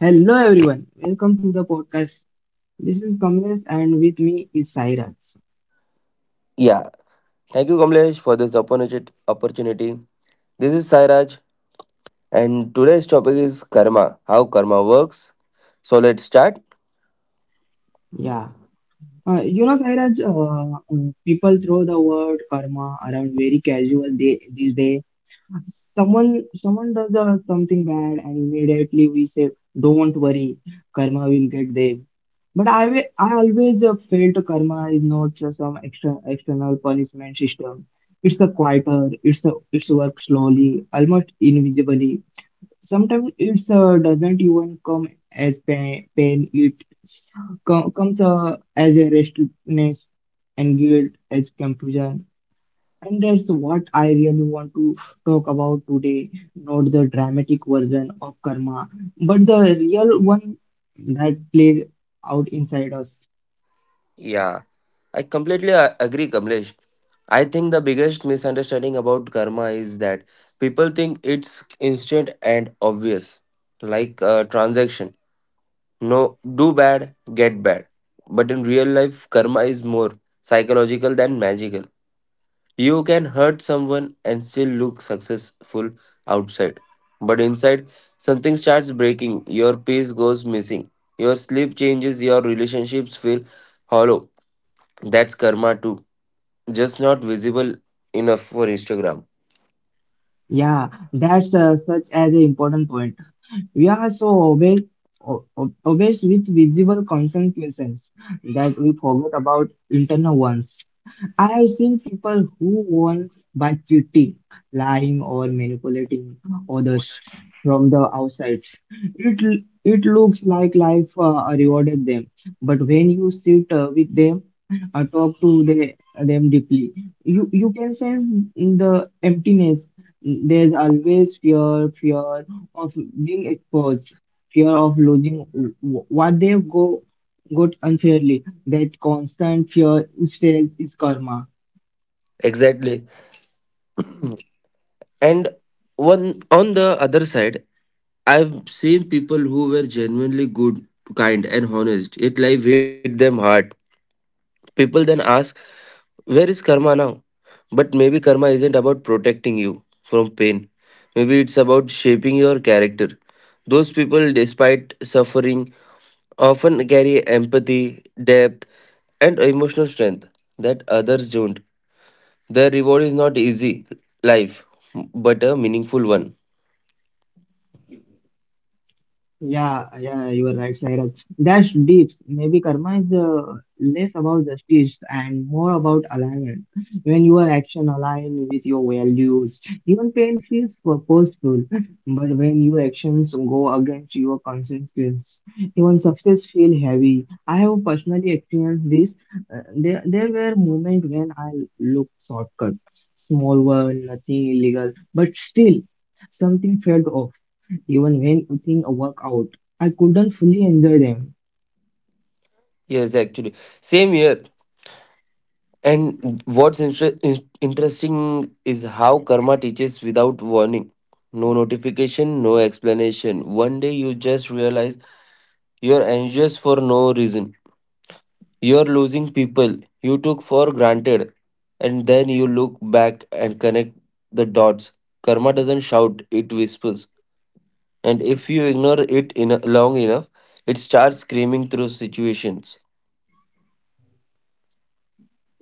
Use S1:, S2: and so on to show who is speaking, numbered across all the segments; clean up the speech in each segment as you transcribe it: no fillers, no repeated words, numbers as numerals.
S1: Hello everyone, welcome to the podcast. This is Kamlesh and with me is Sairaj.
S2: Yeah, thank you, Kamlesh, for this opportunity. This is Sairaj, and today's topic is karma, how karma works. So let's start.
S1: Yeah, you know Sairaj, people throw the word karma around very casual day these days. Someone does something bad and immediately we say, "Don't worry, karma will get them." But I always felt karma is not just some extra external punishment system. It's a quieter. It's a it's work slowly, almost invisibly. Sometimes it's doesn't even come as pain. It comes as a restlessness and guilt, as confusion. And that's what I really want to talk about today, not the dramatic version of karma, but the real one that plays out inside us.
S2: Yeah, I completely agree, Kamlesh. I think the biggest misunderstanding about karma is that people think it's instant and obvious, like a transaction. No, do bad, get bad. But in real life, karma is more psychological than magical. You can hurt someone and still look successful outside. But inside, something starts breaking. Your peace goes missing. Your sleep changes. Your relationships feel hollow. That's karma too. Just not visible enough for Instagram.
S1: Yeah, that's such as an important point. We are so always, always with visible consequences that we forget about internal ones. I have seen people who won by cheating, lying, or manipulating others from the outside. It looks like life rewarded them, but when you sit with them, talk to them deeply, you can sense the emptiness. There's always fear of being exposed, fear of losing what they go got unfairly. That constant fear is felt is karma.
S2: Exactly. And one on the other side, I've seen people who were genuinely good, kind, and honest. It life hit them hard. People then ask, where is karma now? But maybe karma isn't about protecting you from pain. Maybe it's about shaping your character. Those people, despite suffering, often carry empathy, depth, and emotional strength that others don't. Their reward is not easy life, but a meaningful one.
S1: Yeah, you are right, Sairaj. That's deep. Maybe karma is less about justice and more about alignment. When your action align with your values, even pain feels purposeful. But when your actions go against your conscience, even success feel heavy. I have personally experienced this. There there were moments when I looked shortcut, small one, nothing illegal, but still something felt off even when things work out. I couldn't fully enjoy them.
S2: Yes, actually. Same here. And what's interesting is how karma teaches without warning. No notification, no explanation. One day you just realize you're anxious for no reason. You're losing people you took for granted. And then you look back and connect the dots. Karma doesn't shout, it whispers. And if you ignore it long enough, it starts screaming through situations.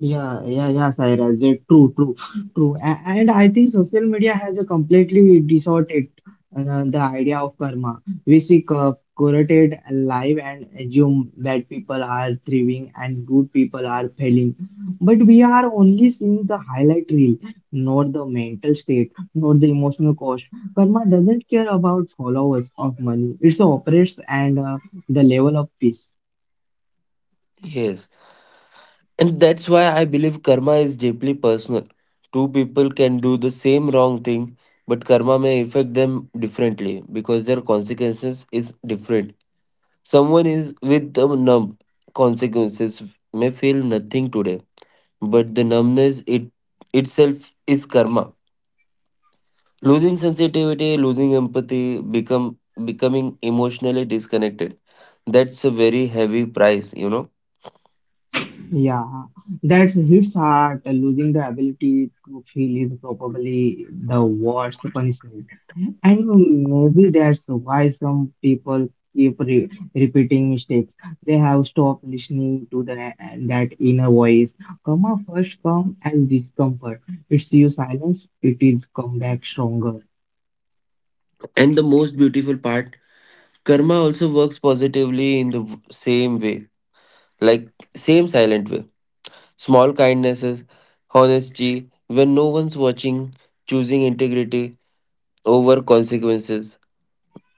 S1: Yeah, Sairaj. Yeah, true, true. And I think social media has a completely distorted the idea of karma. We see curated life and assume that people are thriving and good people are failing. But we are only seeing the highlight reel, not the mental state, not the emotional cost. Karma doesn't care about followers of money. It operates and the level of peace.
S2: Yes. And that's why I believe karma is deeply personal. Two people can do the same wrong thing, but karma may affect them differently because their consequences is different. Someone is with the numb consequences may feel nothing today, but the numbness it itself is karma. Losing sensitivity, losing empathy, become becoming emotionally disconnected. That's a very heavy price, you know.
S1: Yeah, that hits hard. Losing the ability to feel is probably the worst punishment. And maybe that's why some people keep re repeating mistakes. They have stopped listening to that inner voice. Karma first come as discomfort. It's you silence, it is come back stronger.
S2: And the most beautiful part: karma also works positively in the same way, like same silent way. Small kindnesses, honesty, when no one's watching, choosing integrity over consequences.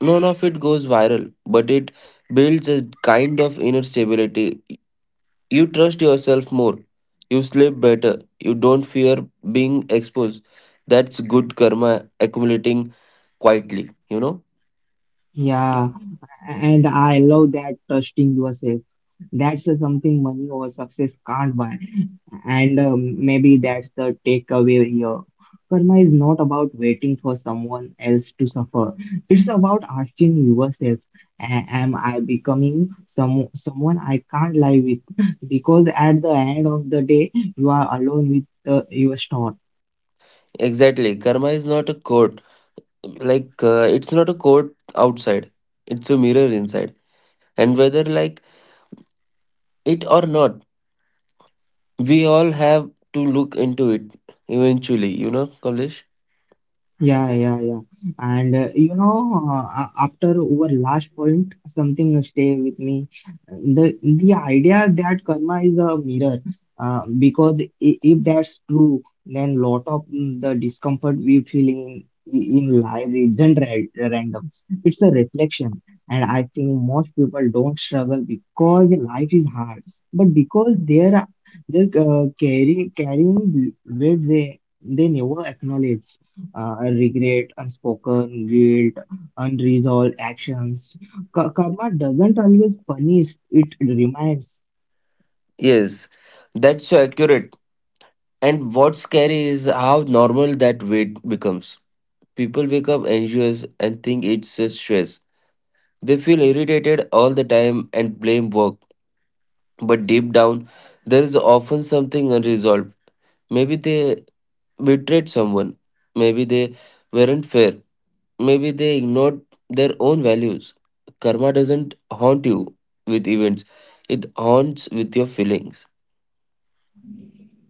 S2: None of it goes viral, but it builds a kind of inner stability. You trust yourself more, you sleep better, you don't fear being exposed. That's good karma accumulating quietly, you know?
S1: Yeah, and I love that trusting yourself. That's something money or success can't buy. And maybe that's the takeaway here. Karma is not about waiting for someone else to suffer. It's about asking yourself, "Am I becoming someone I can't live with? Because at the end of the day, you are alone with your storm."
S2: Exactly. Karma is not a code, like it's not a court outside, it's a mirror inside, and whether like it or not, we all have to look into it eventually, you know, Kamlesh.
S1: Yeah, yeah, yeah. And you know, after our last point, something stay with me. The idea that karma is a mirror, because if that's true, then lot of the discomfort we feel in life isn't random. It's a reflection, and I think most people don't struggle because life is hard, but because they're carrying weight they never acknowledge, regret, unspoken guilt, unresolved actions. Karma doesn't always punish, it reminds.
S2: Yes, that's so accurate. And what's scary is how normal that weight becomes. People wake up anxious and think it's a stress, they feel irritated all the time and blame work. But deep down, there is often something unresolved. Maybe they betrayed someone. Maybe they weren't fair. Maybe they ignored their own values. Karma doesn't haunt you with events, it haunts with your feelings.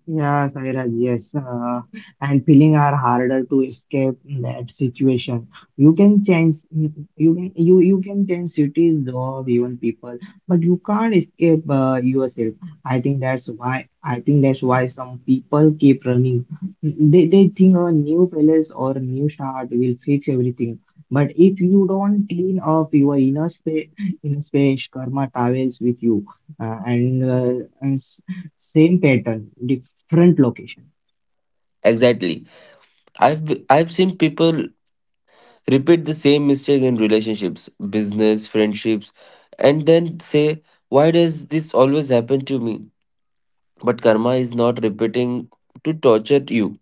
S1: Yeah, Sairaj, yes. And feeling are harder to escape that situation. You can change, you can change cities, job, even people, but you can't escape yourself. I think that's why some people keep running. They think a new palace or a new start will fix everything. But if you don't clean up your inner space, karma travels with you, and same pattern front location.
S2: Exactly. I've seen people repeat the same mistake in relationships, business, friendships, and then say, why does this always happen to me? But karma is not repeating to torture you,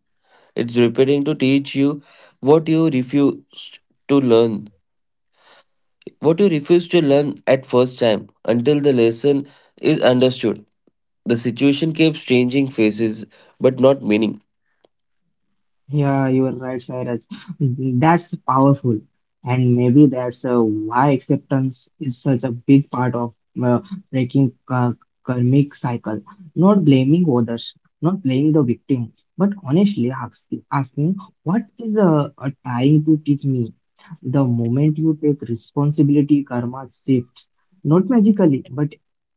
S2: it's repeating to teach you what you refuse to learn. What you refuse to learn at first time until the lesson is understood. The situation keeps changing faces but not meaning.
S1: Yeah, you are right, Sairaj. That's powerful. And maybe that's why acceptance is such a big part of uh, breaking karmic cycle. Not blaming others, not blaming the victim, but honestly asking what is trying to teach me? The moment you take responsibility, karma shifts. Not magically, but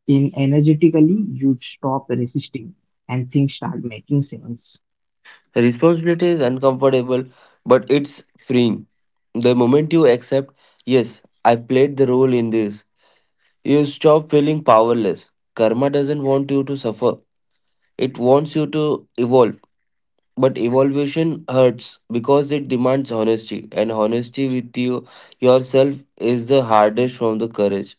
S1: in energetically, you stop resisting and things start making sense.
S2: Responsibility is uncomfortable but it's freeing. The moment you accept, yes, I played the role in this, you stop feeling powerless. Karma doesn't want you to suffer, it wants you to evolve. But evolution hurts because it demands honesty, and honesty with yourself is the hardest from the courage.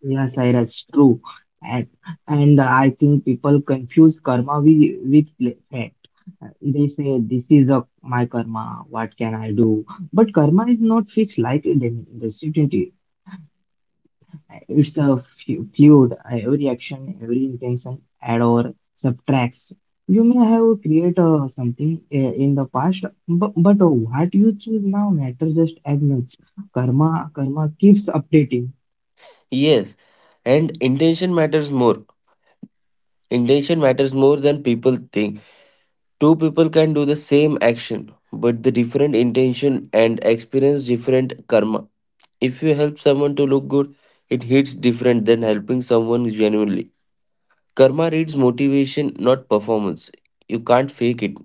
S1: Yes, that's true. And, and I think people confuse karma with fact. They say, this is a, my karma, what can I do? But karma is not fixed like the destiny. It's a fluid. Every action, every intention add or subtracts. You may have created something in the past, but what you choose now matters just as much. Karma keeps updating.
S2: Yes, and intention matters more. Intention matters more than people think. Two people can do the same action, but the different intention and experience different karma. If you help someone to look good, it hits different than helping someone genuinely. Karma reads motivation, not performance. You can't fake it.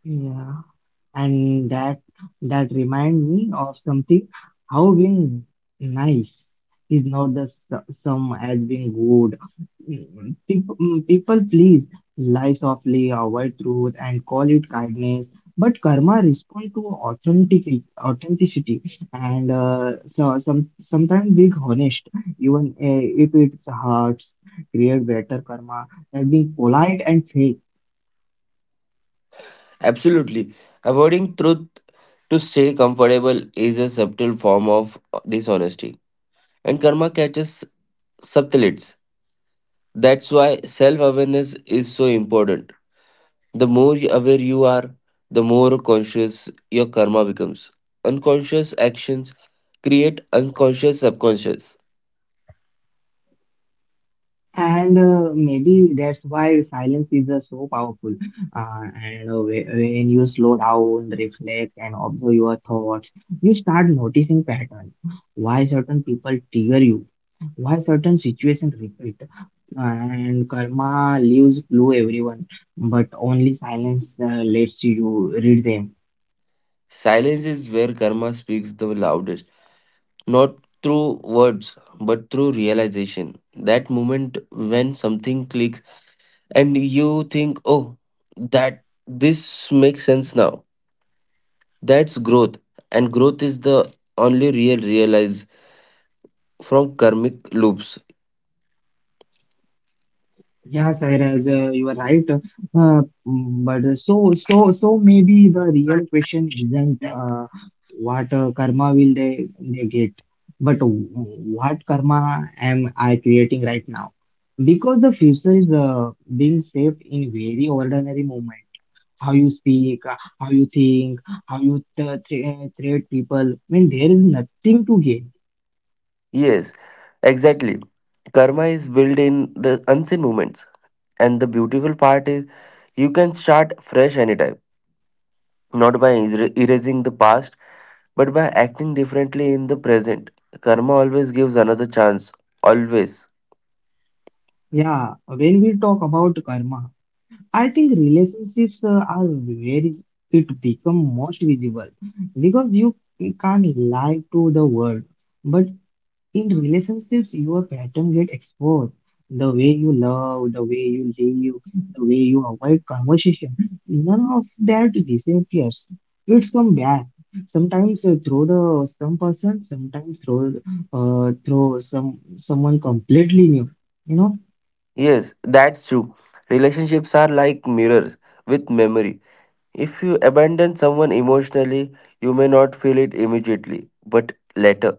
S1: Yeah. And that remind me of something, how being nice is not the same as being good. People please, lie softly, avoid truth and call it kindness, but karma respond to authenticity, and so sometimes being honest, even if it hurts, create better karma than being polite and fake.
S2: Absolutely. Avoiding truth to stay comfortable is a subtle form of dishonesty. And karma catches subtleties. That's why self awareness is so important. The more aware you are, the more conscious your karma becomes. Unconscious actions create unconscious subconscious.
S1: And maybe that's why silence is so powerful. When you slow down, reflect, and observe your thoughts, you start noticing patterns. Why certain people trigger you? Why certain situations repeat? And karma leaves clue everyone, but only silence lets you read them.
S2: Silence is where karma speaks the loudest, not through words but through realization. That moment when something clicks and you think, oh, that this makes sense now. That's growth, and growth is the only real realize from karmic loops.
S1: Yeah, Sairaj, you are right. But so maybe the real question isn't what karma will they get, but what karma am I creating right now? Because the future is being shaped in very ordinary moment. How you speak, how you think, how you treat people when there is nothing to gain.
S2: Yes, exactly. Karma is built in the unseen moments. And the beautiful part is you can start fresh anytime, not by erasing the past, but by acting differently in the present. Karma always gives another chance. Always.
S1: Yeah, when we talk about karma, I think relationships are where it become most visible because you can't lie to the world. But in relationships, your pattern get exposed. The way you love, the way you live, the way you avoid conversation, none of that disappears. It's come back. Sometimes through the some person, sometimes through someone completely new. You know.
S2: Yes, that's true. Relationships are like mirrors with memory. If you abandon someone emotionally, you may not feel it immediately, but later.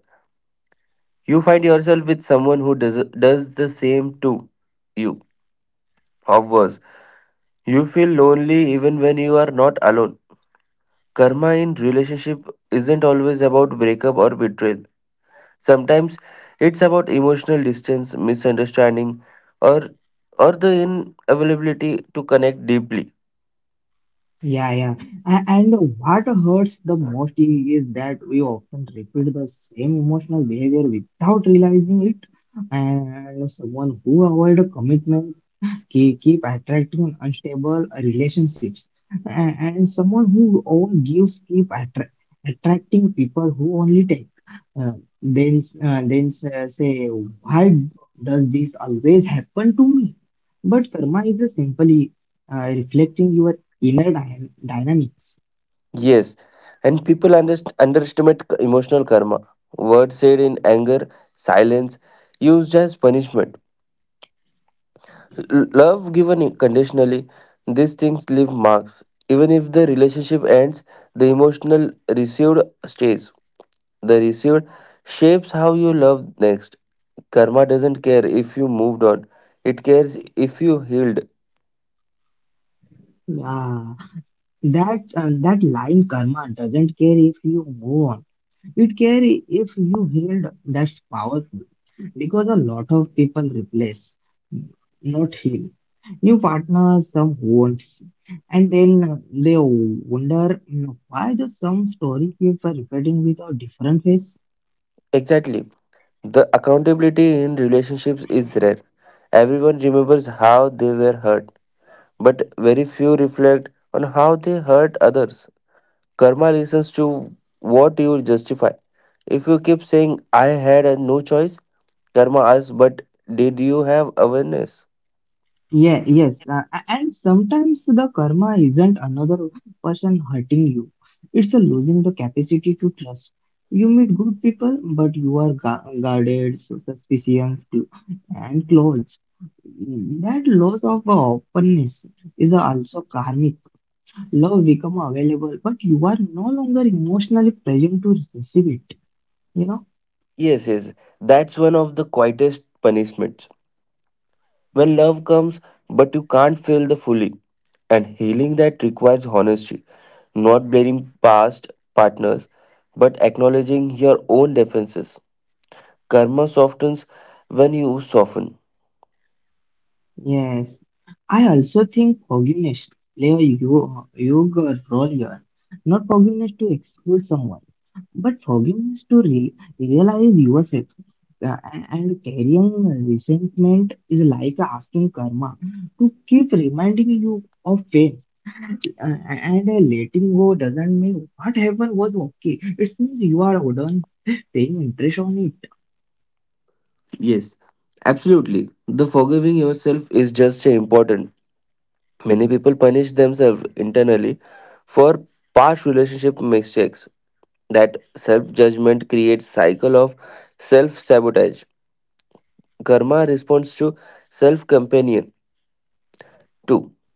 S2: You find yourself with someone who does the same to you, or worse. You feel lonely even when you are not alone. Karma in relationship isn't always about breakup or betrayal. Sometimes it's about emotional distance, misunderstanding, or or the inavailability to connect deeply.
S1: Yeah, yeah. And what hurts the most is that we often repeat the same emotional behavior without realizing it. And someone who avoid a commitment keep attracting unstable relationships, and someone who overgives keep attracting people who only take, uh, say why does this always happen to me, but karma is a simply reflecting your inner dynamics.
S2: Yes, and people underestimate emotional karma. Words said in anger, silence, used as punishment, love given conditionally, these things leave marks. Even if the relationship ends, the emotional received stays. The received shapes how you love next. Karma doesn't care if you moved on, it cares if you healed.
S1: Yeah, that line, "Karma doesn't care if you move on, it care if you healed," that's powerful because a lot of people replace not heal. New partners, some wounds, and then they wonder, you know, why does some story keep repeating with a different face?
S2: Exactly. The accountability in relationships is rare. Everyone remembers how they were hurt, but very few reflect on how they hurt others. Karma listens to what you justify. If you keep saying, I had a no choice, karma asks, but did you have awareness?
S1: Yeah, yes, and sometimes the karma isn't another person hurting you. It's a losing the capacity to trust. You meet good people, but you are guarded, so suspicions, cl- and closed. That loss of openness is also karmic. Love become available, but you are no longer emotionally present to receive it. You know?
S2: Yes, that's one of the quietest punishments. When love comes, but you can't feel the fully. And healing that requires honesty, not blaming past partners, but acknowledging your own defenses. Karma softens when you soften.
S1: Yes. I also think forgiveness play a huge role here. Not forgiveness to excuse someone, but forgiveness to realize yourself. And carrying resentment is like asking karma to keep reminding you of pain. And Letting go doesn't mean what happened was okay. It means you are done paying interest on it.
S2: Yes, absolutely. The forgiving yourself is just as important. Many people punish themselves internally for past relationship mistakes. That self judgment creates cycle of self sabotage. Karma responds to self companion too.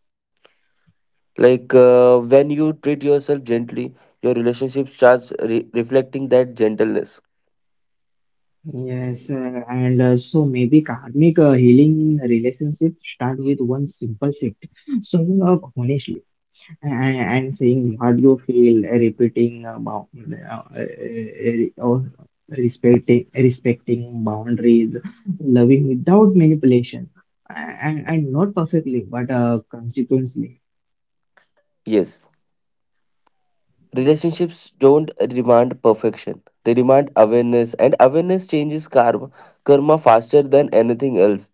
S2: Like when you treat yourself gently, your relationship starts reflecting that gentleness.
S1: Yes, and so maybe karmic healing in relationship start with one simple shift, showing up honestly and saying what you feel, repeating about or respecting boundaries, loving without manipulation, and not perfectly but consequently.
S2: Yes. Relationships don't demand perfection. They demand awareness, and awareness changes karma faster than anything else.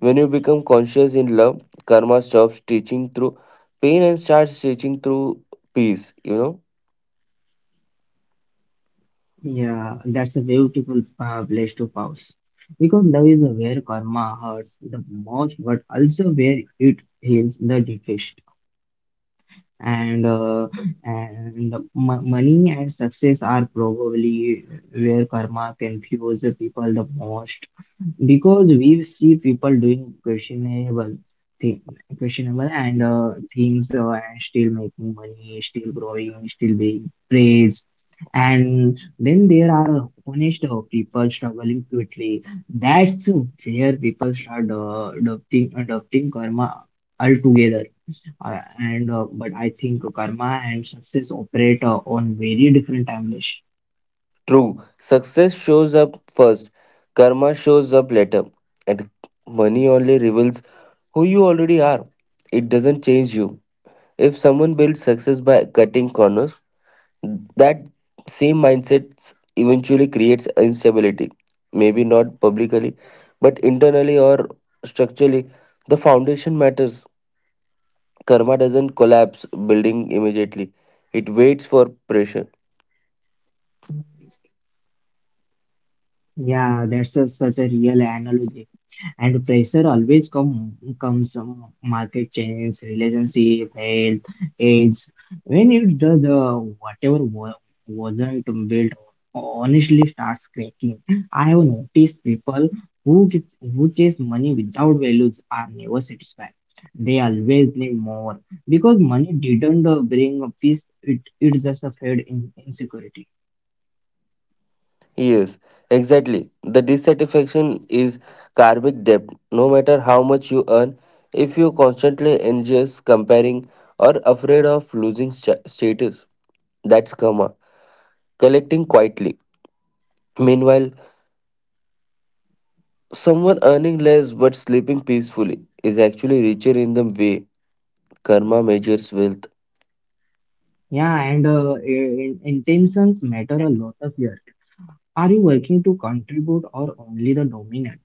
S2: When you become conscious in love, karma stops teaching through pain and starts teaching through peace. You know,
S1: Yeah, that's a beautiful place to pause because love is where karma hurts the most, but also where it heals the deepest. And uh, and money and success are probably where karma confuses people the most because we see people doing questionable thing, questionable and things and still making money, still growing, still being praised. And then there are honest people struggling quickly. That's where people start adopting karma altogether. And But I think karma and success operate on very different timelines.
S2: true. Success shows up first, karma shows up later, and money only reveals who you already are. It doesn't change you. If someone builds success by cutting corners, that same mindset eventually creates instability, maybe not publicly, but internally or structurally. The foundation matters. Karma doesn't collapse building immediately, it waits for pressure.
S1: Yeah, that's such a real analogy. And pressure always comes from market change, relationship, health, age. When it does, whatever wasn't built honestly starts cracking. I have noticed people who who chase money without values are never satisfied. They always need more because money didn't bring a peace. It just a fed in insecurity.
S2: Yes, exactly. The dissatisfaction is karmic debt. No matter how much you earn, if you're constantly anxious, comparing, or afraid of losing status, that's karma. Collecting quietly. Meanwhile, someone earning less but sleeping peacefully is actually richer in the way karma measures wealth.
S1: Yeah, and intentions matter a lot of here. Are you working to contribute or only the dominant?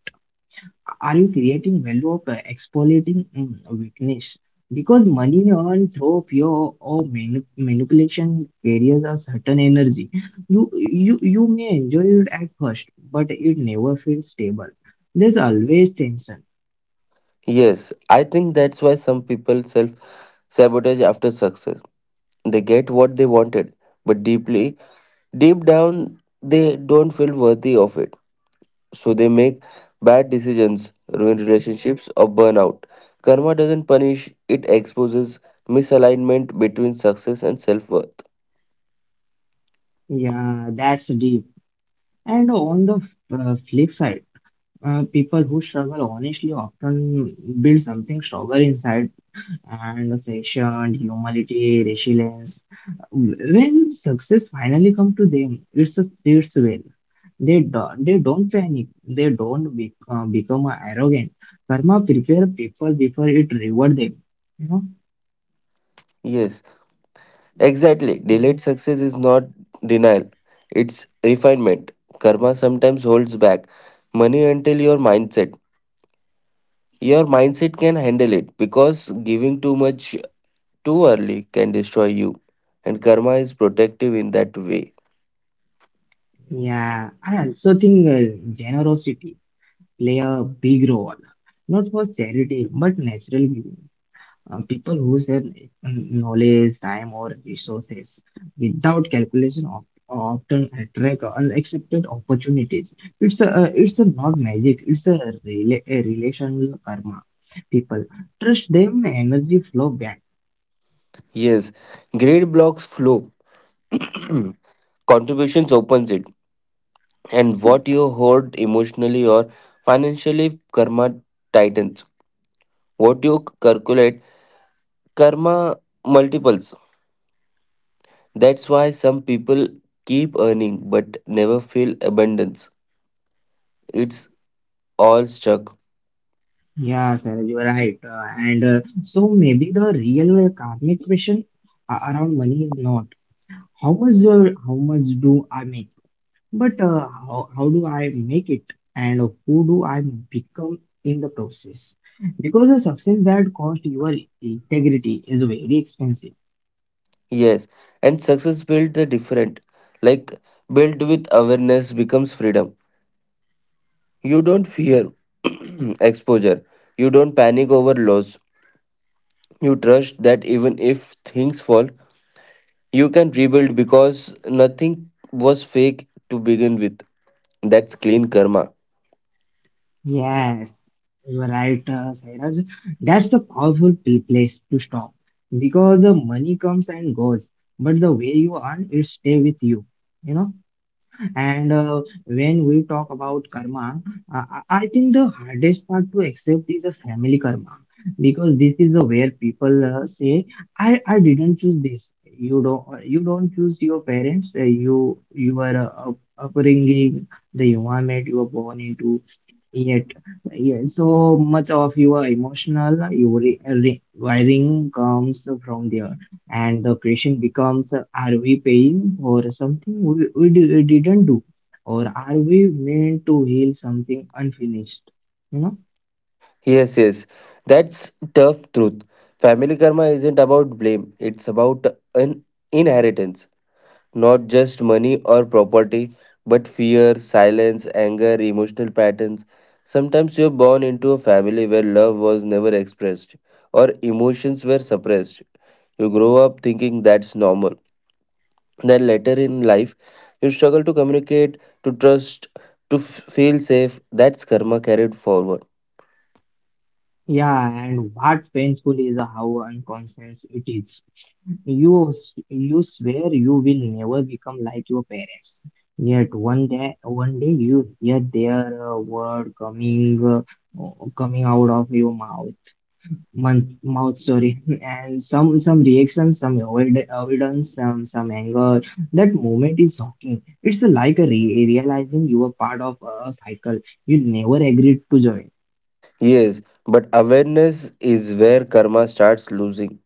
S1: Are you creating value or exploiting weakness? Because money earned through fear or manipulation carries a certain energy. You may enjoy it at first, but it never feels stable. There's always tension.
S2: Yes, I think that's why some people self sabotage after success. They get what they wanted, but deep down, they don't feel worthy of it. So they make bad decisions, ruin relationships, or burn out. Karma doesn't punish, it exposes misalignment between success and self worth.
S1: Yeah, that's deep. And on the flip side, people who struggle honestly often build something stronger inside and patient, humility, resilience. When success finally come to them, it's a sits well. They don't panic. They don't be, become arrogant. Karma prepare people before it reward them. You know?
S2: Yes. Exactly. Delayed success is not denial, it's refinement. Karma sometimes holds back money until your mindset can handle it because giving too much too early can destroy you. And karma is protective in that way.
S1: Yeah. I also think generosity play a big role, not for charity but natural. People who their knowledge, time, or resources without calculation of, often attract unexpected opportunities. It's a not magic. It's a, a relational karma. People trust them, energy flow back.
S2: Yes, greed blocks flow, contributions opens it. And what you hoard emotionally or financially, karma tightens. What you calculate, karma multiples. That's why some people keep earning but never feel abundance. It's all stuck.
S1: Yeah, sir, you are right. And So maybe the real karmic question around money is not how much do I make? But how do I make it and who do I become in the process? Because a success that cost your integrity is very expensive.
S2: Yes, and success built the different. Like built with awareness becomes freedom. You don't fear exposure. You don't panic over loss. You trust that even if things fall, you can rebuild because nothing was fake to begin with. That's clean karma.
S1: Yes, you are right, Sairaj. That's a powerful place to stop because the money comes and goes, but the way you earn it stay with you. You know, and when we talk about karma, uh, I think the hardest part to accept is a family karma because this is the where people say, "I didn't choose this." You don't choose your parents. You your uh, upbringing, the environment you were born into. Yet, yeah, so much of your emotional wiring comes from there, and the question becomes: are we paying for something we didn't do, or are we meant to heal something unfinished? You know?
S2: Yes. That's tough truth. Family karma isn't about blame. It's about an inheritance, not just money or property, but fear, silence, anger, emotional patterns. Sometimes you're born into a family where love was never expressed or emotions were suppressed. You grow up thinking that's normal. Then later in life, you struggle to communicate, to trust, to feel safe. That's karma carried forward.
S1: Yeah, and what painful is how unconscious it is. You swear you will never become like your parents. Yet one day you hear their word coming, uh, coming out of your mouth, mouth sorry, and some reaction, some avoidance, some anger. That moment is shocking. It's like a re realizing you are part of a cycle you never agreed to join.
S2: Yes, but awareness is where karma starts losing.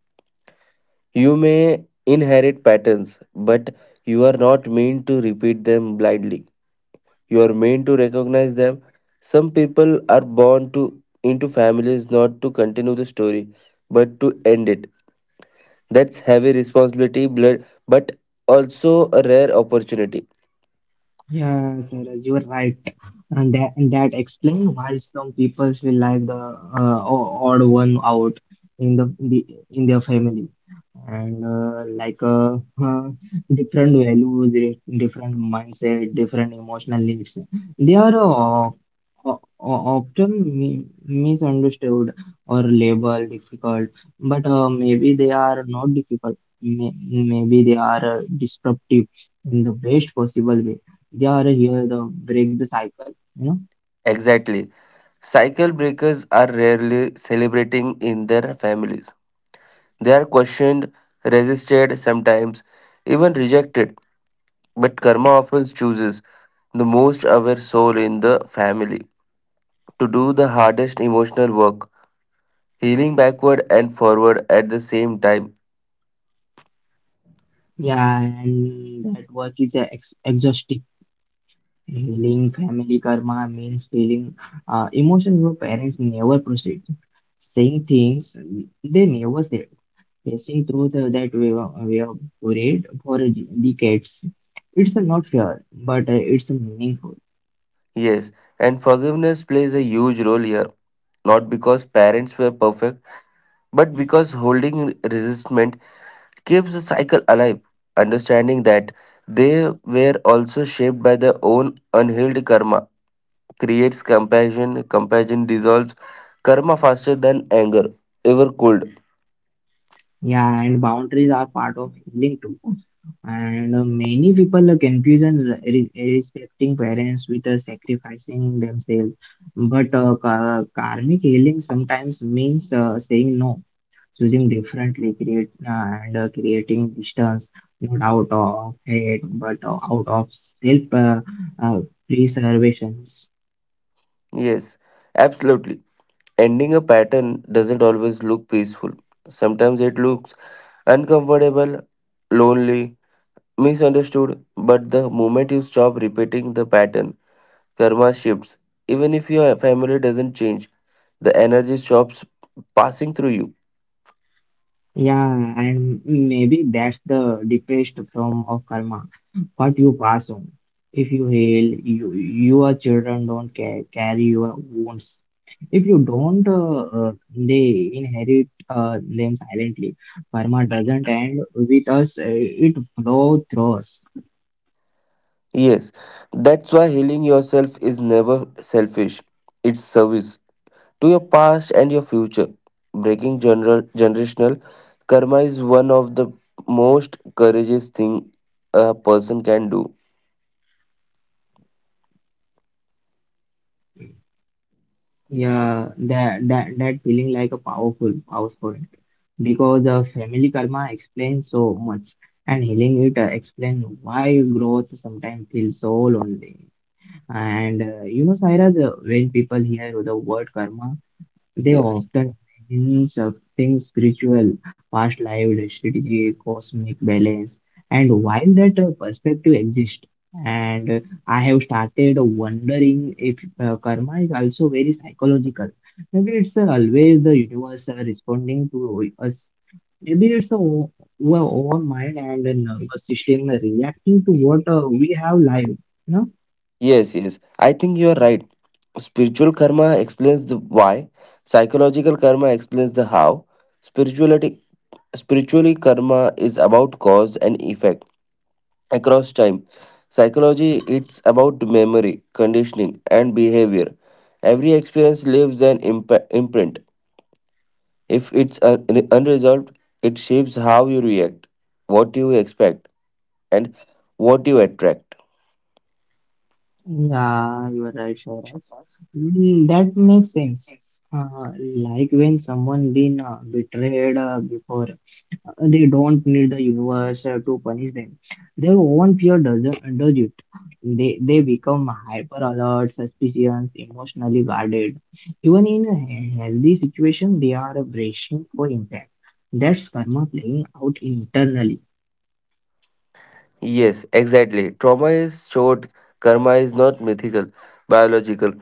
S2: You may inherit patterns, but you are not meant to repeat them blindly. You are meant to recognize them. Some people are born to into families not to continue the story, but to end it. That's heavy responsibility, blood, but also a rare opportunity.
S1: Yeah, Sarah, you're right, and that explains why some people feel like the o- odd one out the in their family, and uh, different values, different mindset, different emotional needs. They are often misunderstood or labeled difficult, but maybe they are not difficult. Maybe they are disruptive in the best possible way they are here to break the cycle, you know.
S2: Exactly. Cycle breakers are rarely celebrating in their families. They are questioned, resisted, sometimes even rejected, but karma often chooses the most aware soul in the family to do the hardest emotional work, healing backward and forward at the same time.
S1: Yeah, and that work is a ex exhausting. Healing family karma means feeling emotions your parents never proceed, saying things they never said, facing truth that we were buried for decades. It's not fair, but it's meaningful.
S2: Yes, and forgiveness plays a huge role here, not because parents were perfect, but because holding resentment keeps the cycle alive. Understanding that they were also shaped by their own unhealed karma creates compassion. Compassion dissolves karma faster than anger ever could.
S1: Yeah, and boundaries are part of healing too. And many people confuse and respecting parents with sacrificing themselves. But karmic healing sometimes means saying no, choosing differently, create and creating distance, not out of hate, but out of self uh, preservation.
S2: Yes, absolutely. Ending a pattern doesn't always look peaceful. Sometimes it looks uncomfortable, lonely, misunderstood. But the moment you stop repeating the pattern, karma shifts. Even if your family doesn't change, the energy stops passing through you.
S1: Yeah, and maybe that's the deepest form of karma. What you pass on. If you heal, you, your children don't ca carry your wounds. If you don't, they inherit them silently. Karma doesn't end with us, it flows through us.
S2: Yes, that's why healing yourself is never selfish. It's service to your past and your future. Breaking generational karma is one of the most courageous thing a person can do.
S1: Yeah, that feeling like a powerful because family karma explains so much, and healing it explains why growth sometimes feels so lonely. And you know, Sairaj, when people hear the word karma, they
S2: Yes.
S1: often mean something spiritual, past life, strategy, cosmic balance. And while that perspective exists, and I have started wondering if karma is also very psychological. Maybe it's always the universe responding to us. Maybe it's our own mind and the nervous system reacting to what we have live.
S2: Yes. I think you are right. Spiritual karma explains the why, psychological karma explains the how. Spirituality spiritually karma is about cause and effect across time. Psychology it's about memory, conditioning and behavior. Every experience leaves an imprint. If it's unresolved, it shapes how you react, what you expect, and what you attract.
S1: Yeah, you are right, Shivraj. Mm, that makes sense. Like when someone been betrayed before, they don't need the universe to punish them. Their own fear doesn't does it. They become hyper alert, suspicious, emotionally guarded. Even in a healthy situation, they are bracing for impact. That's karma playing out internally.
S2: Yes, exactly. Trauma is short, karma is not mythical, biological.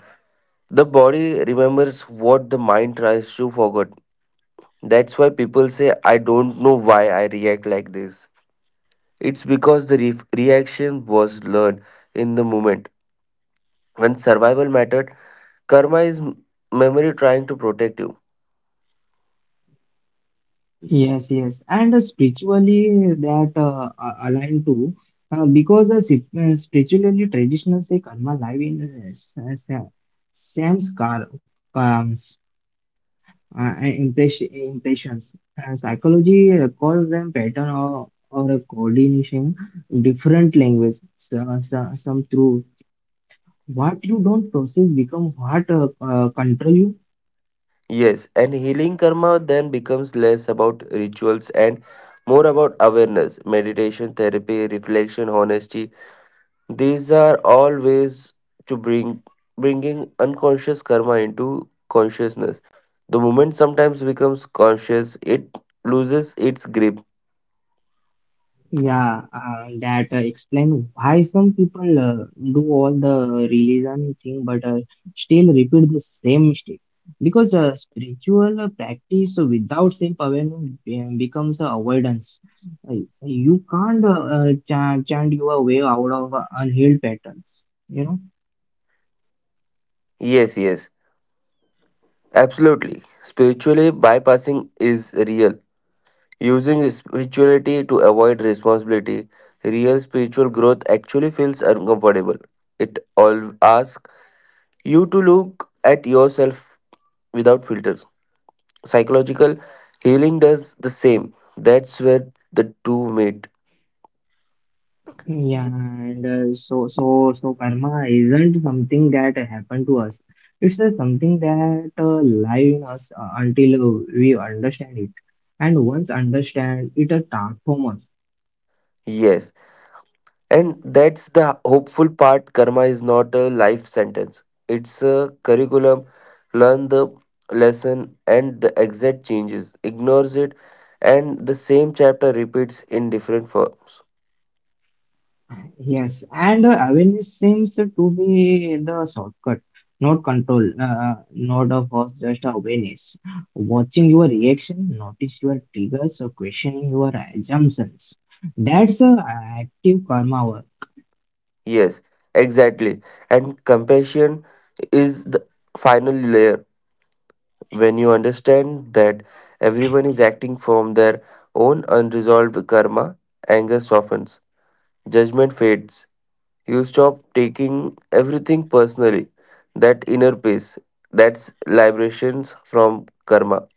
S2: The body remembers what the mind tries to forget. That's why people say, I don't know why I react like this. It's because the reaction was learned in the moment. When survival mattered, karma is memory trying to protect you.
S1: Yes, yes, and spiritually that aligned too, because spiritually traditional say karma live in uh, s- uh, sa- Sam's car comes impressions. Psychology calls them pattern or a coordination. Different language, some through what you don't process become what control you.
S2: Yes, and healing karma then becomes less about rituals and more about awareness, meditation, therapy, reflection, honesty. These are all ways to bring bringing unconscious karma into consciousness. The moment sometimes becomes conscious, it loses its grip.
S1: Yeah, that explain why some people do all the religion thing but still repeat the same mistake. Because spiritual practice without self-awareness becomes avoidance. Uh, you can't chant your way out of unhealed patterns, you know.
S2: Yes, absolutely. Spiritually, bypassing is real. Using spirituality to avoid responsibility, real spiritual growth actually feels uncomfortable. It all asks you to look at yourself without filters. Psychological healing does the same. That's where the two meet.
S1: Yeah, and so karma isn't something that happened to us. It's just something that live in us until we understand it. And once understand it, transform us.
S2: Yes, and that's the hopeful part. Karma is not a life sentence, it's a curriculum. Learn the lesson, and the exact changes. Ignores it, and the same chapter repeats in different forms.
S1: Yes, and awareness seems to be the shortcut, not control, not a first just awareness. Watching your reaction, notice your triggers, or questioning your assumptions. That's active karma work.
S2: Yes, exactly. And compassion is the final layer. When you understand that everyone is acting from their own unresolved karma, anger softens, judgment fades, you stop taking everything personally. That inner peace, that's liberations from karma.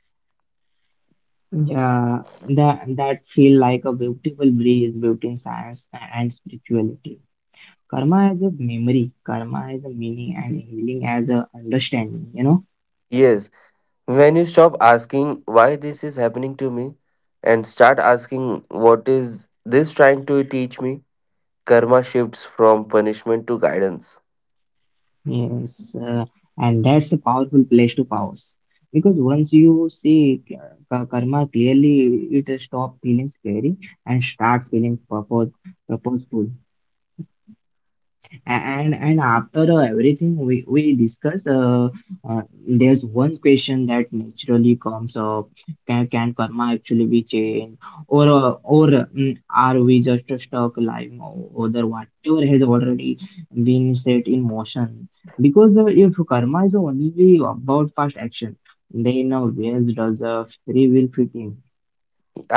S1: Yeah, that feel like a beautiful breeze between science and spirituality. Karma as a memory, karma as a meaning, and healing as a understanding. You know,
S2: Yes, when you stop asking why this is happening to me and start asking what is this trying to teach me, karma shifts from punishment to guidance.
S1: yes, and that's a powerful place to pause because once you see karma clearly, it stop feeling scary and start feeling purposeful. And after everything we we discussed uh, there's one question that naturally comes up. Can karma actually be changed or are we just stuck lying o- over whatever has already been set in motion, because if karma is only about past action, then where does the free will fit in?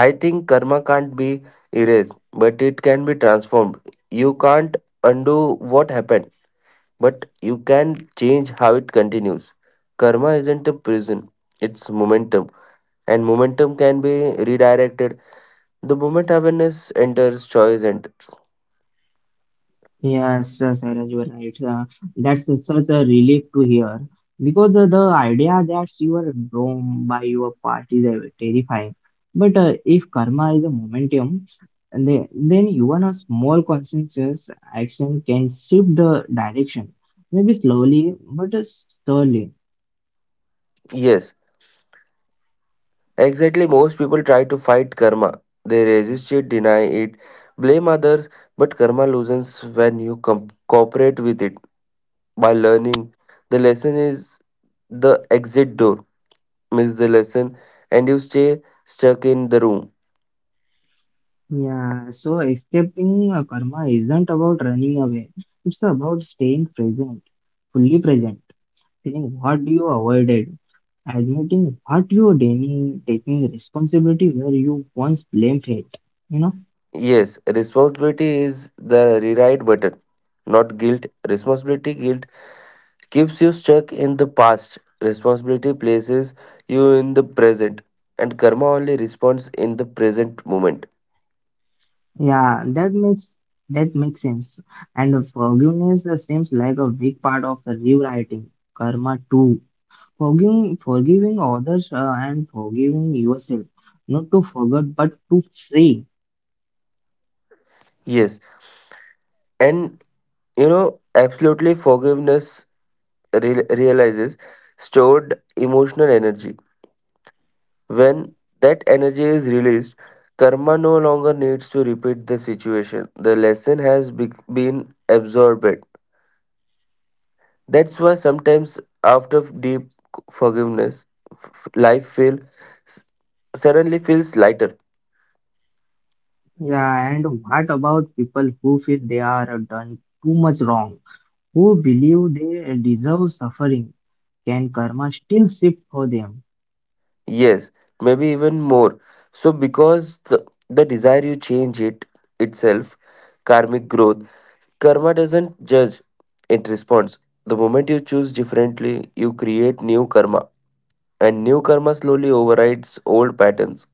S2: I think karma can't be erased, but it can be transformed. You can't undo what happened, but you can change how it continues. Karma isn't a prison, it's momentum, and momentum can be redirected the moment awareness enters, choice enters.
S1: Yes, yes, Sairaj, you are right. That's such a relief to hear because the idea that you are wrong by your part is terrifying. But if karma is a momentum, then even a small conscientious action can shift the direction, maybe slowly but surely.
S2: Yes, exactly. Most people try to fight karma, they resist it, deny it, blame others, but karma loosens when you cooperate with it by learning. The lesson is the exit door, miss the lesson, and you stay stuck in the room.
S1: Yeah, so accepting karma isn't about running away, it's about staying present, fully present. Saying what you avoided, admitting what you didn't, taking responsibility where you once blamed it. You know,
S2: Yes, responsibility is the rewrite button, not guilt. Responsibility guilt keeps you stuck in the past. Responsibility places you in the present, and karma only responds in the present moment.
S1: yeah, that makes sense. And forgiveness seems like a big part of rewriting karma too. Forgiving others and forgiving yourself, not to forget but to free.
S2: Yes, and absolutely forgiveness realizes stored emotional energy. When that energy is released, karma no longer needs to repeat the situation. The lesson has been absorbed. That's why sometimes after deep forgiveness, f- life feel s- suddenly feels lighter.
S1: Yeah, and what about people who feel they are done too much wrong? Who believe they deserve suffering, can karma still shift for them?
S2: Yes, maybe even more. So because the desire you change it itself, karmic growth. Karma doesn't judge; it responds. The moment you choose differently, you create new karma, and new karma slowly overrides old patterns.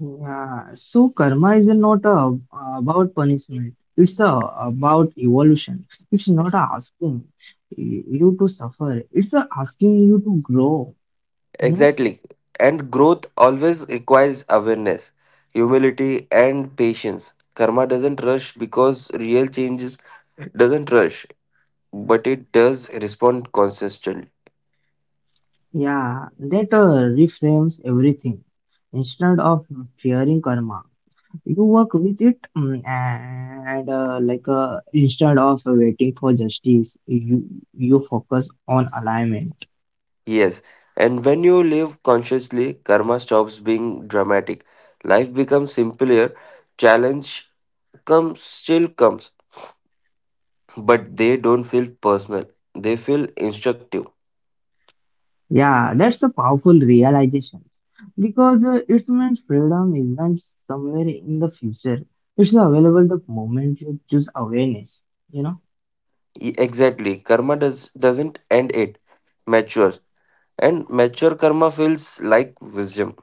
S1: Yeah, so karma is not about punishment. It's about evolution. It's not asking you to suffer. It's asking you to grow. You know?
S2: Exactly. And growth always requires awareness, humility, and patience. Karma doesn't rush because real changes doesn't rush, but it does respond consistently.
S1: Yeah, that reframes everything. Instead of fearing karma, you work with it, mm, and instead of waiting for justice, you focus on alignment.
S2: Yes. And when you live consciously, karma stops being dramatic. Life becomes simpler. Challenge comes still comes, but they don't feel personal. They feel instructive.
S1: Yeah, that's a powerful realization because it means freedom isn't somewhere in the future. It's available the moment you choose awareness, you know?
S2: Exactly. Karma doesn't end, it matures. And mature karma feels like wisdom.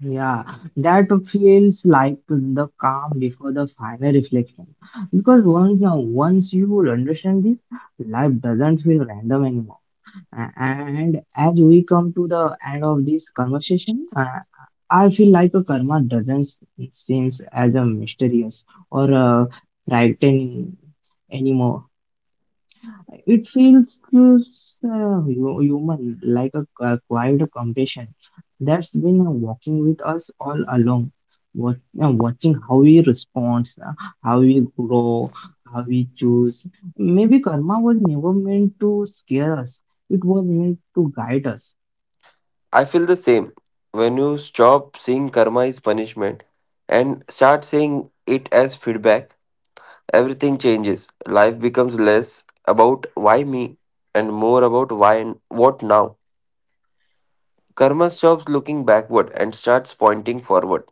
S1: Yeah, that feels like the calm before the final reflection. Because once you understand this, life doesn't feel random anymore. A- and as we come to the end of this conversation, I feel like a karma doesn't seems as a mysterious or frightening anymore. It feels human, like a quiet compassion that's been walking with us all along, wat- watching how we respond, how we grow, how we choose. Maybe karma was never meant to scare us, it was meant to guide us.
S2: I feel the same. When you stop seeing karma as punishment and start seeing it as feedback, everything changes. Life becomes less about why me and more about why and what now. Karma stops looking backward and starts pointing forward.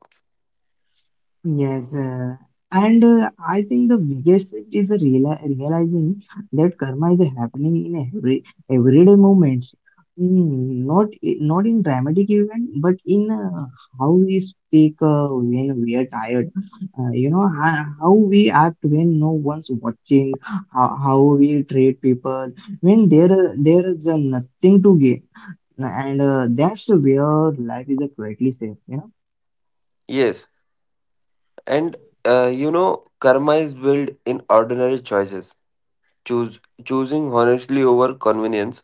S1: Yes, and I think the biggest shift is the realizing that karma is happening in everyday moments, mm, not in dramatic event, but in how we speak when we are tired. You know how we act when no one's watching, how we treat people when there is nothing to gain, and that's where life is greatly safe. You know.
S2: Yes, and you know, karma is built in ordinary choices. Choose choosing honestly over convenience,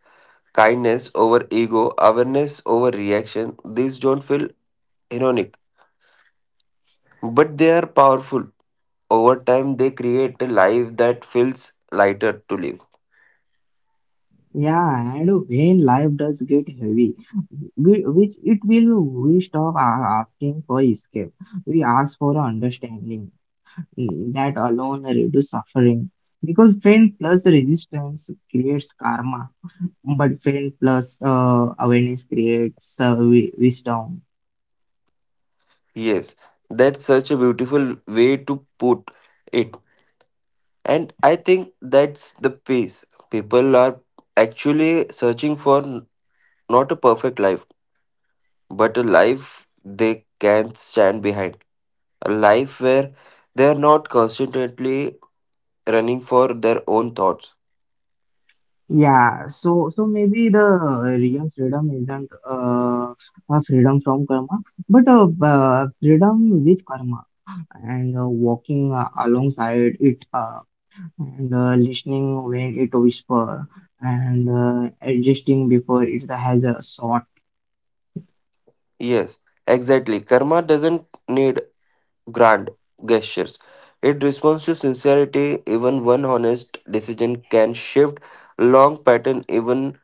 S2: kindness over ego, awareness over reaction. These don't feel ironic, but they are powerful. Over time, they create a life that feels lighter to live.
S1: Yeah, and when life does get heavy, we, which it will, we stop asking for escape. We ask for understanding. Mm, that alone reduce suffering because pain plus resistance creates karma, but pain plus awareness creates wisdom.
S2: Yes, that's such a beautiful way to put it. And I think that's the pace. People are actually searching for not a perfect life, but a life they can stand behind. A life where they are not constantly running for their own thoughts.
S1: Yeah, maybe the real freedom isn't a freedom from karma, but a freedom with karma. And walking alongside it and listening when it whisper and adjusting before it has a shot.
S2: Yes, exactly. Karma doesn't need grand gestures. It responds to sincerity. Even one honest decision can shift long pattern. Even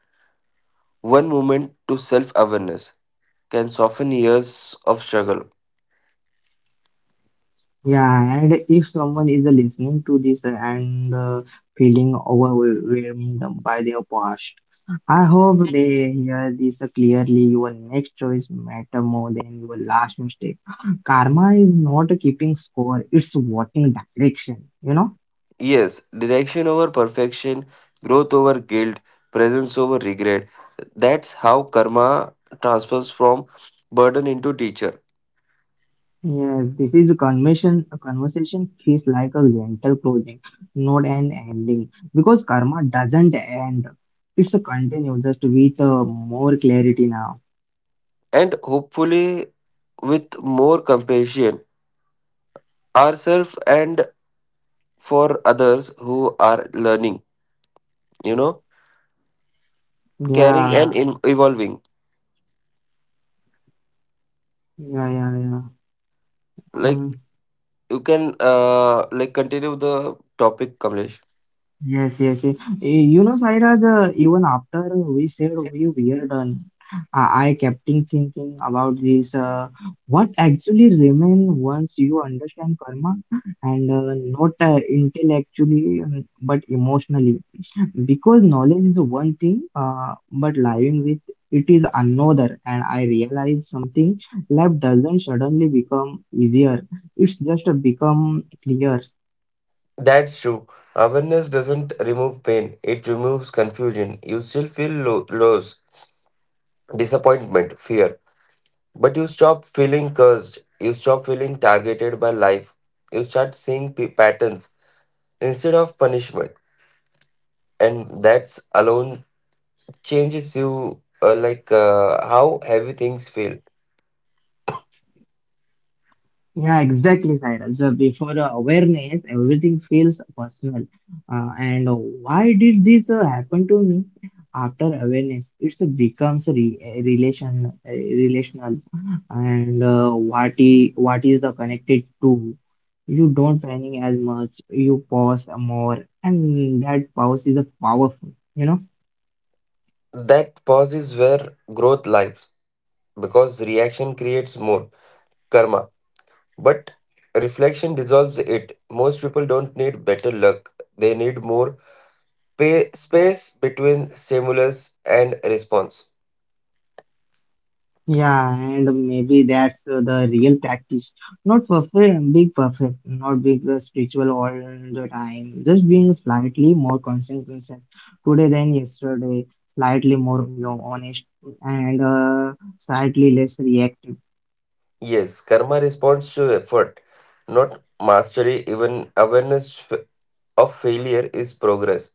S2: one moment to self-awareness can soften years of struggle.
S1: Yeah, and if someone is listening to this and feeling overwhelmed by their past, I hope they hear this clearly. Your next choice matter more than your last mistake. Karma is not keeping score; it's watching direction. You know.
S2: Yes, direction over perfection, growth over guilt, presence over regret. That's how karma transfers from burden into teacher.
S1: Yes, this is a conversation. A conversation feels like a gentle closing, not an ending, because karma doesn't end. It's a continue, just with more clarity now.
S2: And hopefully, with more compassion, ourselves and for others who are learning, you know, caring and
S1: Yeah,
S2: evolving,
S1: yeah, yeah, yeah.
S2: like
S1: Uh,
S2: you can like continue the topic, Kamlesh.
S1: yes, yes, yes. You know, Sairaj, even after we said we were done, I kept in thinking about this. What actually remain once you understand karma, and not intellectually, but emotionally. Because knowledge is one thing but living with it is another, and I realize something: life doesn't suddenly become easier, it's just become clear.
S2: That's true. Awareness doesn't remove pain, it removes confusion. You still feel loss, disappointment, fear. But you stop feeling cursed. You stop feeling targeted by life. You start seeing patterns instead of punishment. And that's alone changes you, how heavy things feel.
S1: Yeah, exactly, Saira. So before awareness, everything feels personal. And why did this happen to me? After awareness, it becomes a relation, a relational. And what, what is the connected to? You don't panic as much, you pause more, and that pause is a powerful, you know.
S2: That pause is where growth lives, because reaction creates more karma, but reflection dissolves it. Most people don't need better luck, they need more space between stimulus and response.
S1: Yeah, and maybe that's the real practice. Not perfect, big perfect, not big spiritual all the time. Just being slightly more consequences today than yesterday, slightly more you know, honest and slightly less reactive.
S2: Yes, karma responds to effort, not mastery, even awareness of failure is progress.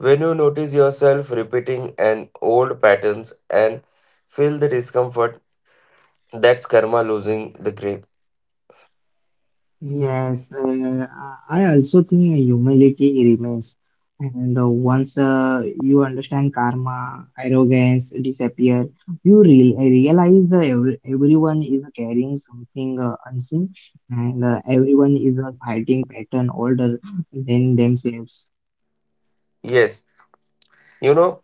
S2: When you notice yourself repeating an old patterns and feel the discomfort, that's karma losing the grip.
S1: Yes, I also think humility remains. And once you understand karma, arrogance disappear. You re realize everyone is carrying something unseen, and everyone is fighting pattern older than themselves.
S2: Yes, you know,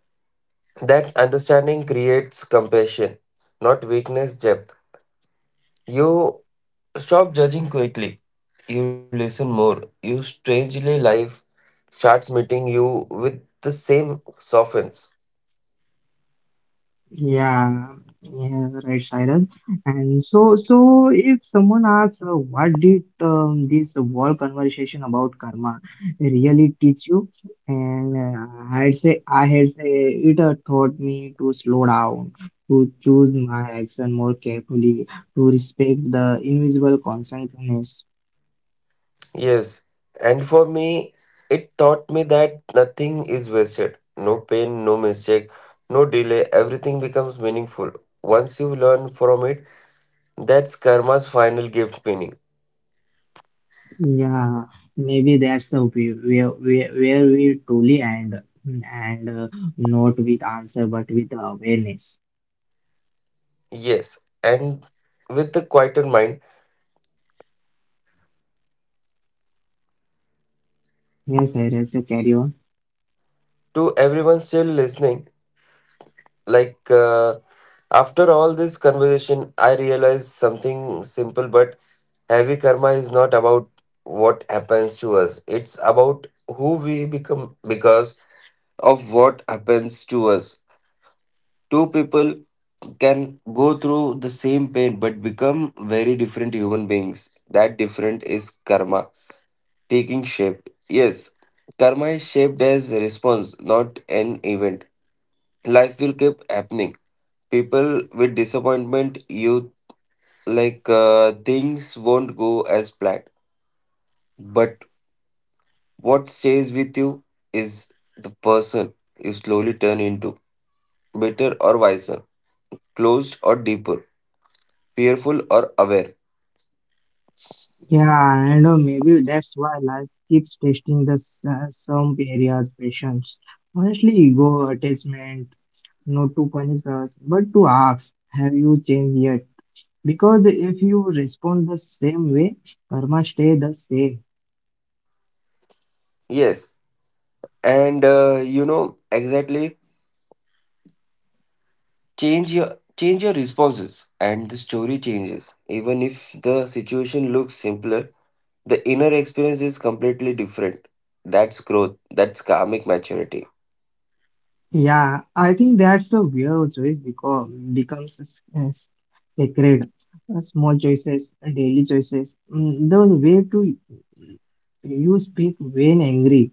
S2: that understanding creates compassion, not weakness depth. You stop judging quickly, you listen more. You strangely life starts meeting you with the same softens.
S1: Yeah, yeah, right, Shailen. And so if someone asks, what did this whole conversation about karma really teach you? And I'd say, I had say, it taught me to slow down, to choose my action more carefully, to respect the invisible consequences.
S2: Yes, and for me, it taught me that nothing is wasted. No pain, no mistake, no delay, everything becomes meaningful. Once you learn from it, that's karma's final gift meaning.
S1: Yeah, maybe that's the way, where we truly end, and not with answer, but with awareness.
S2: Yes, and with the quieter mind,
S1: Yes, Darius, you carry on.
S2: to everyone still listening. Like, uh, After all this conversation, I realized something simple but heavy. Karma is not about what happens to us, it's about who we become because of what happens to us. Two people can go through the same pain but become very different human beings. That different is karma taking shape. Yes, karma is shaped as a response, not an event. Life will keep happening, people with disappointment you, things won't go as planned, but what stays with you is the person you slowly turn into, better or wiser, closed or deeper, fearful or aware.
S1: Yeah, I know maybe that's why life keeps testing the some areas patience. Honestly, ego attachment, not to punish us, but to ask, have you changed yet? Because if you respond the same way, karma stay the same.
S2: Yes, and you know, exactly, change your change your responses and the story changes, even if the situation looks simpler, the inner experience is completely different. That's growth, that's karmic maturity.
S1: Yeah, I think that's a weird choice because becomes sacred. Small choices, daily choices, mm, the way to you speak when angry,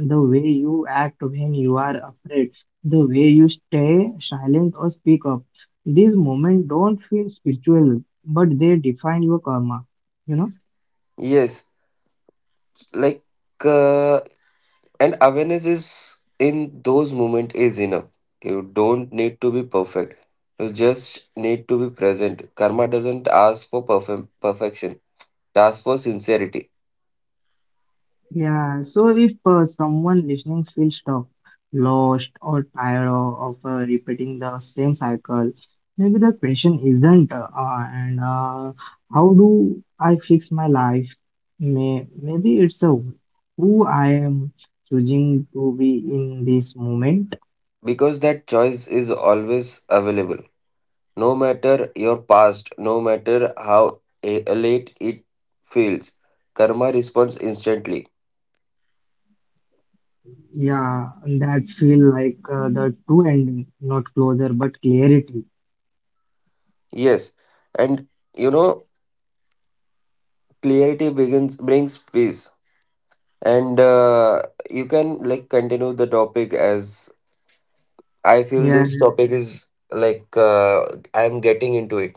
S1: the way you act when you are afraid, the way you stay silent or speak up. These moments don't feel spiritual, but they define your karma. You know?
S2: Yes, like uh, and awareness is in those moment is enough. You don't need to be perfect, you just need to be present. Karma doesn't ask for perfect perfection, it asks for sincerity,
S1: Yeah. So if someone listening feels stuck, lost, or tired of, of repeating the same cycle, maybe the question isn't, and how do I fix my life? Maybe it's a who I am choosing to be in this moment.
S2: because that choice is always available, no matter your past, no matter how late it feels. Karma responds instantly.
S1: Yeah, that feel like the true ending, not closure, but clarity.
S2: Yes, and you know, clarity begins brings peace, and you can like continue the topic as I feel
S1: Yeah,
S2: this topic is like I'm getting into it.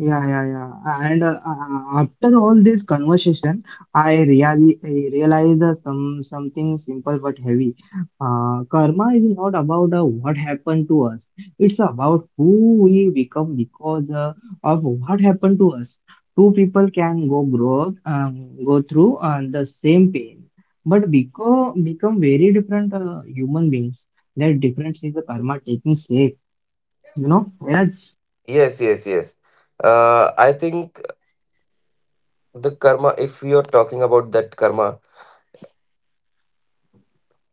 S1: yeah, yeah, yeah. And after all this conversation, I realized something simple but heavy. Karma is not about what happened to us. It's about who we become because of what happened to us. Two people can go grow up, go through the same pain, but become very different human beings. That difference is the karma taking shape. You know, Raj?
S2: Yes, yes, yes. I think the karma, if we are talking about that karma,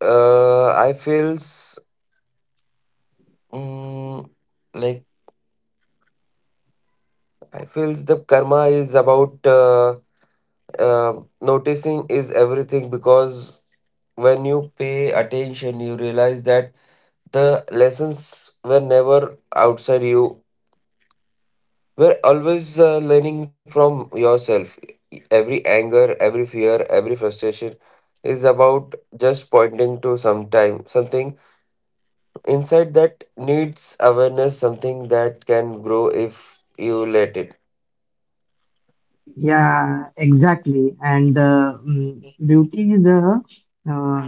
S2: I feels, mm, like I feels the karma is about, noticing is everything, because when you pay attention, you realize that the lessons were never outside you. We're always learning from yourself. Every anger, every fear, every frustration is about just pointing to some time, something inside that needs awareness, something that can grow if you let it.
S1: Yeah, exactly. And beauty is uh,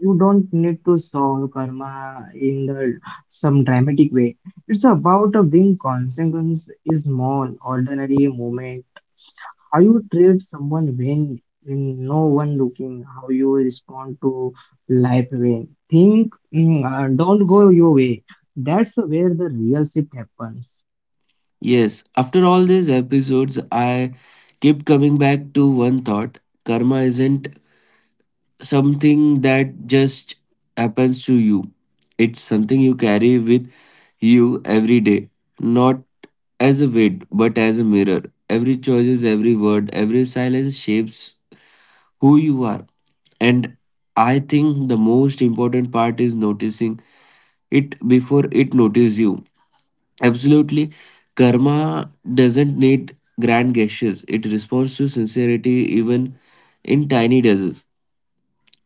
S1: you don't need to solve karma in the some dramatic way. It's about a being consequence is small, ordinary moment. How you treat someone when no one looking, how you respond to life when think don't go your way. That's where the real shift happens.
S2: Yes, after all these episodes, I keep coming back to one thought. Karma isn't something that just happens to you. It's something you carry with you every day, not as a weight, but as a mirror. Every choice, every word, every silence shapes who you are. And I think the most important part is noticing it before it notices you. Absolutely, karma doesn't need grand gestures, it responds to sincerity, even in tiny doses.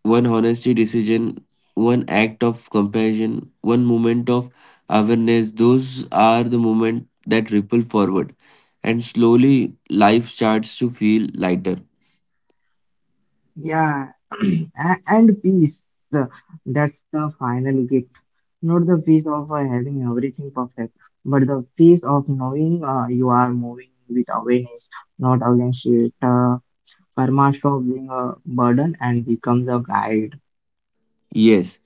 S2: One honesty decision, one act of compassion, one moment of awareness, those are the moments that ripple forward. And slowly life starts to feel lighter.
S1: Yeah, and peace. That's the final gift. Not the peace of having everything perfect, but the peace of knowing you are moving with awareness, not against it. Karma stops being a burden and becomes a guide.
S2: Yes,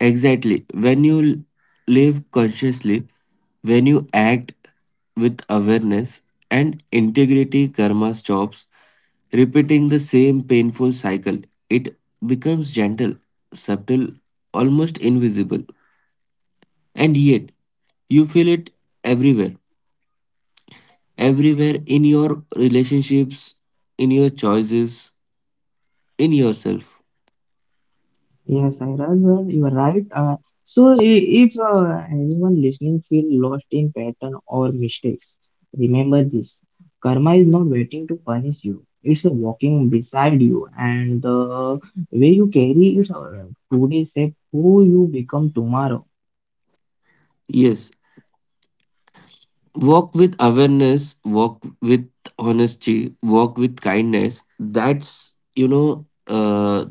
S2: exactly. When you live consciously, when you act with awareness and integrity, karma stops repeating the same painful cycle. It becomes gentle, subtle, almost invisible. And yet, you feel it everywhere. Everywhere in your relationships, in your choices, in yourself.
S1: Yes, Iraj, well, you are right. So if anyone listening feel lost in pattern or mistakes, remember this: karma is not waiting to punish you. It's walking beside you, and the way you carry it today shape who you become tomorrow.
S2: Yes, walk with awareness, walk with honesty, walk with kindness. That's, you know,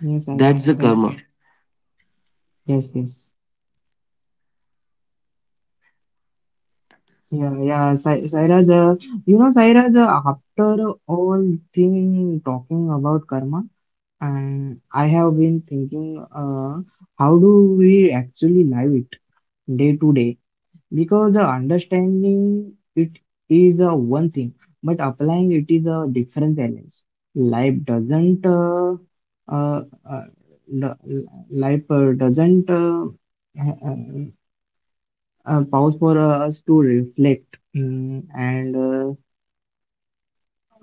S1: Yes, Iraj.
S2: that's the
S1: Sir.
S2: karma.
S1: Yes, yes. Yeah, yeah, Sairaj, you know, Sairaj, after all thing talking about karma,
S2: Yes,
S1: and I
S2: you are
S1: have been thinking,
S2: telling you
S1: how
S2: knows,
S1: do we
S2: after
S1: actually
S2: all
S1: live
S2: this
S1: it day
S2: talking
S1: to day?
S2: about karma, I've been
S1: Because
S2: thinking, how do
S1: understanding
S2: we
S1: it
S2: actually
S1: is
S2: live it
S1: one thing,
S2: day
S1: but
S2: to day?
S1: applying it is a
S2: Because
S1: different challenge.
S2: understanding it
S1: Life
S2: is one
S1: doesn't,
S2: thing,
S1: uh,
S2: but applying
S1: uh,
S2: it
S1: uh,
S2: differently,
S1: Life
S2: right?
S1: doesn't uh, uh, pause for us to reflect,
S2: Yeah, Kamlesh.
S1: and uh,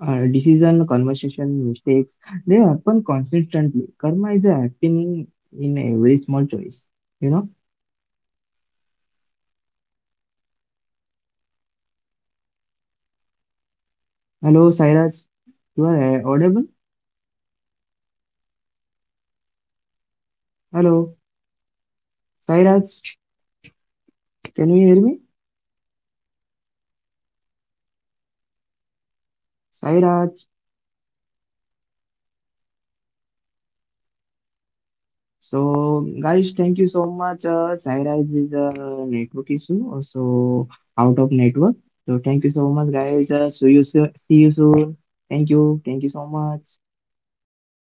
S1: uh,
S2: Because,
S1: decision, conversation, mistakes, they
S2: I'll
S1: happen
S2: continue the
S1: consistently.
S2: topic.
S1: Karma is happening
S2: Like,
S1: in
S2: walk with
S1: every small
S2: awareness,
S1: choice.
S2: walk with
S1: You know?
S2: honesty, walk with kindness. That how karma becomes a teacher rather than a judge. Applying it different
S1: Hello,
S2: challenge.
S1: Sairaj.
S2: Life doesn't
S1: You
S2: pause
S1: are audible?
S2: for us to reflect. Decision, conversation, mistakes,
S1: Hello,
S2: they happen
S1: Sairaj.
S2: constantly. Karma is
S1: Can you hear me?
S2: happening in every small choice, you know, Kamlesh.
S1: Sairaj.
S2: And after that, uh, all the like uh,
S1: So, guys, thank you so much. Sairaj is a
S2: conversation,
S1: network issue, also out of
S2: I
S1: network.
S2: think
S1: So, thank you so much, guys. See you,
S2: the
S1: see you
S2: key is
S1: soon. Thank
S2: awareness,
S1: you. Thank you so
S2: not
S1: much.
S2: trying to be perfect.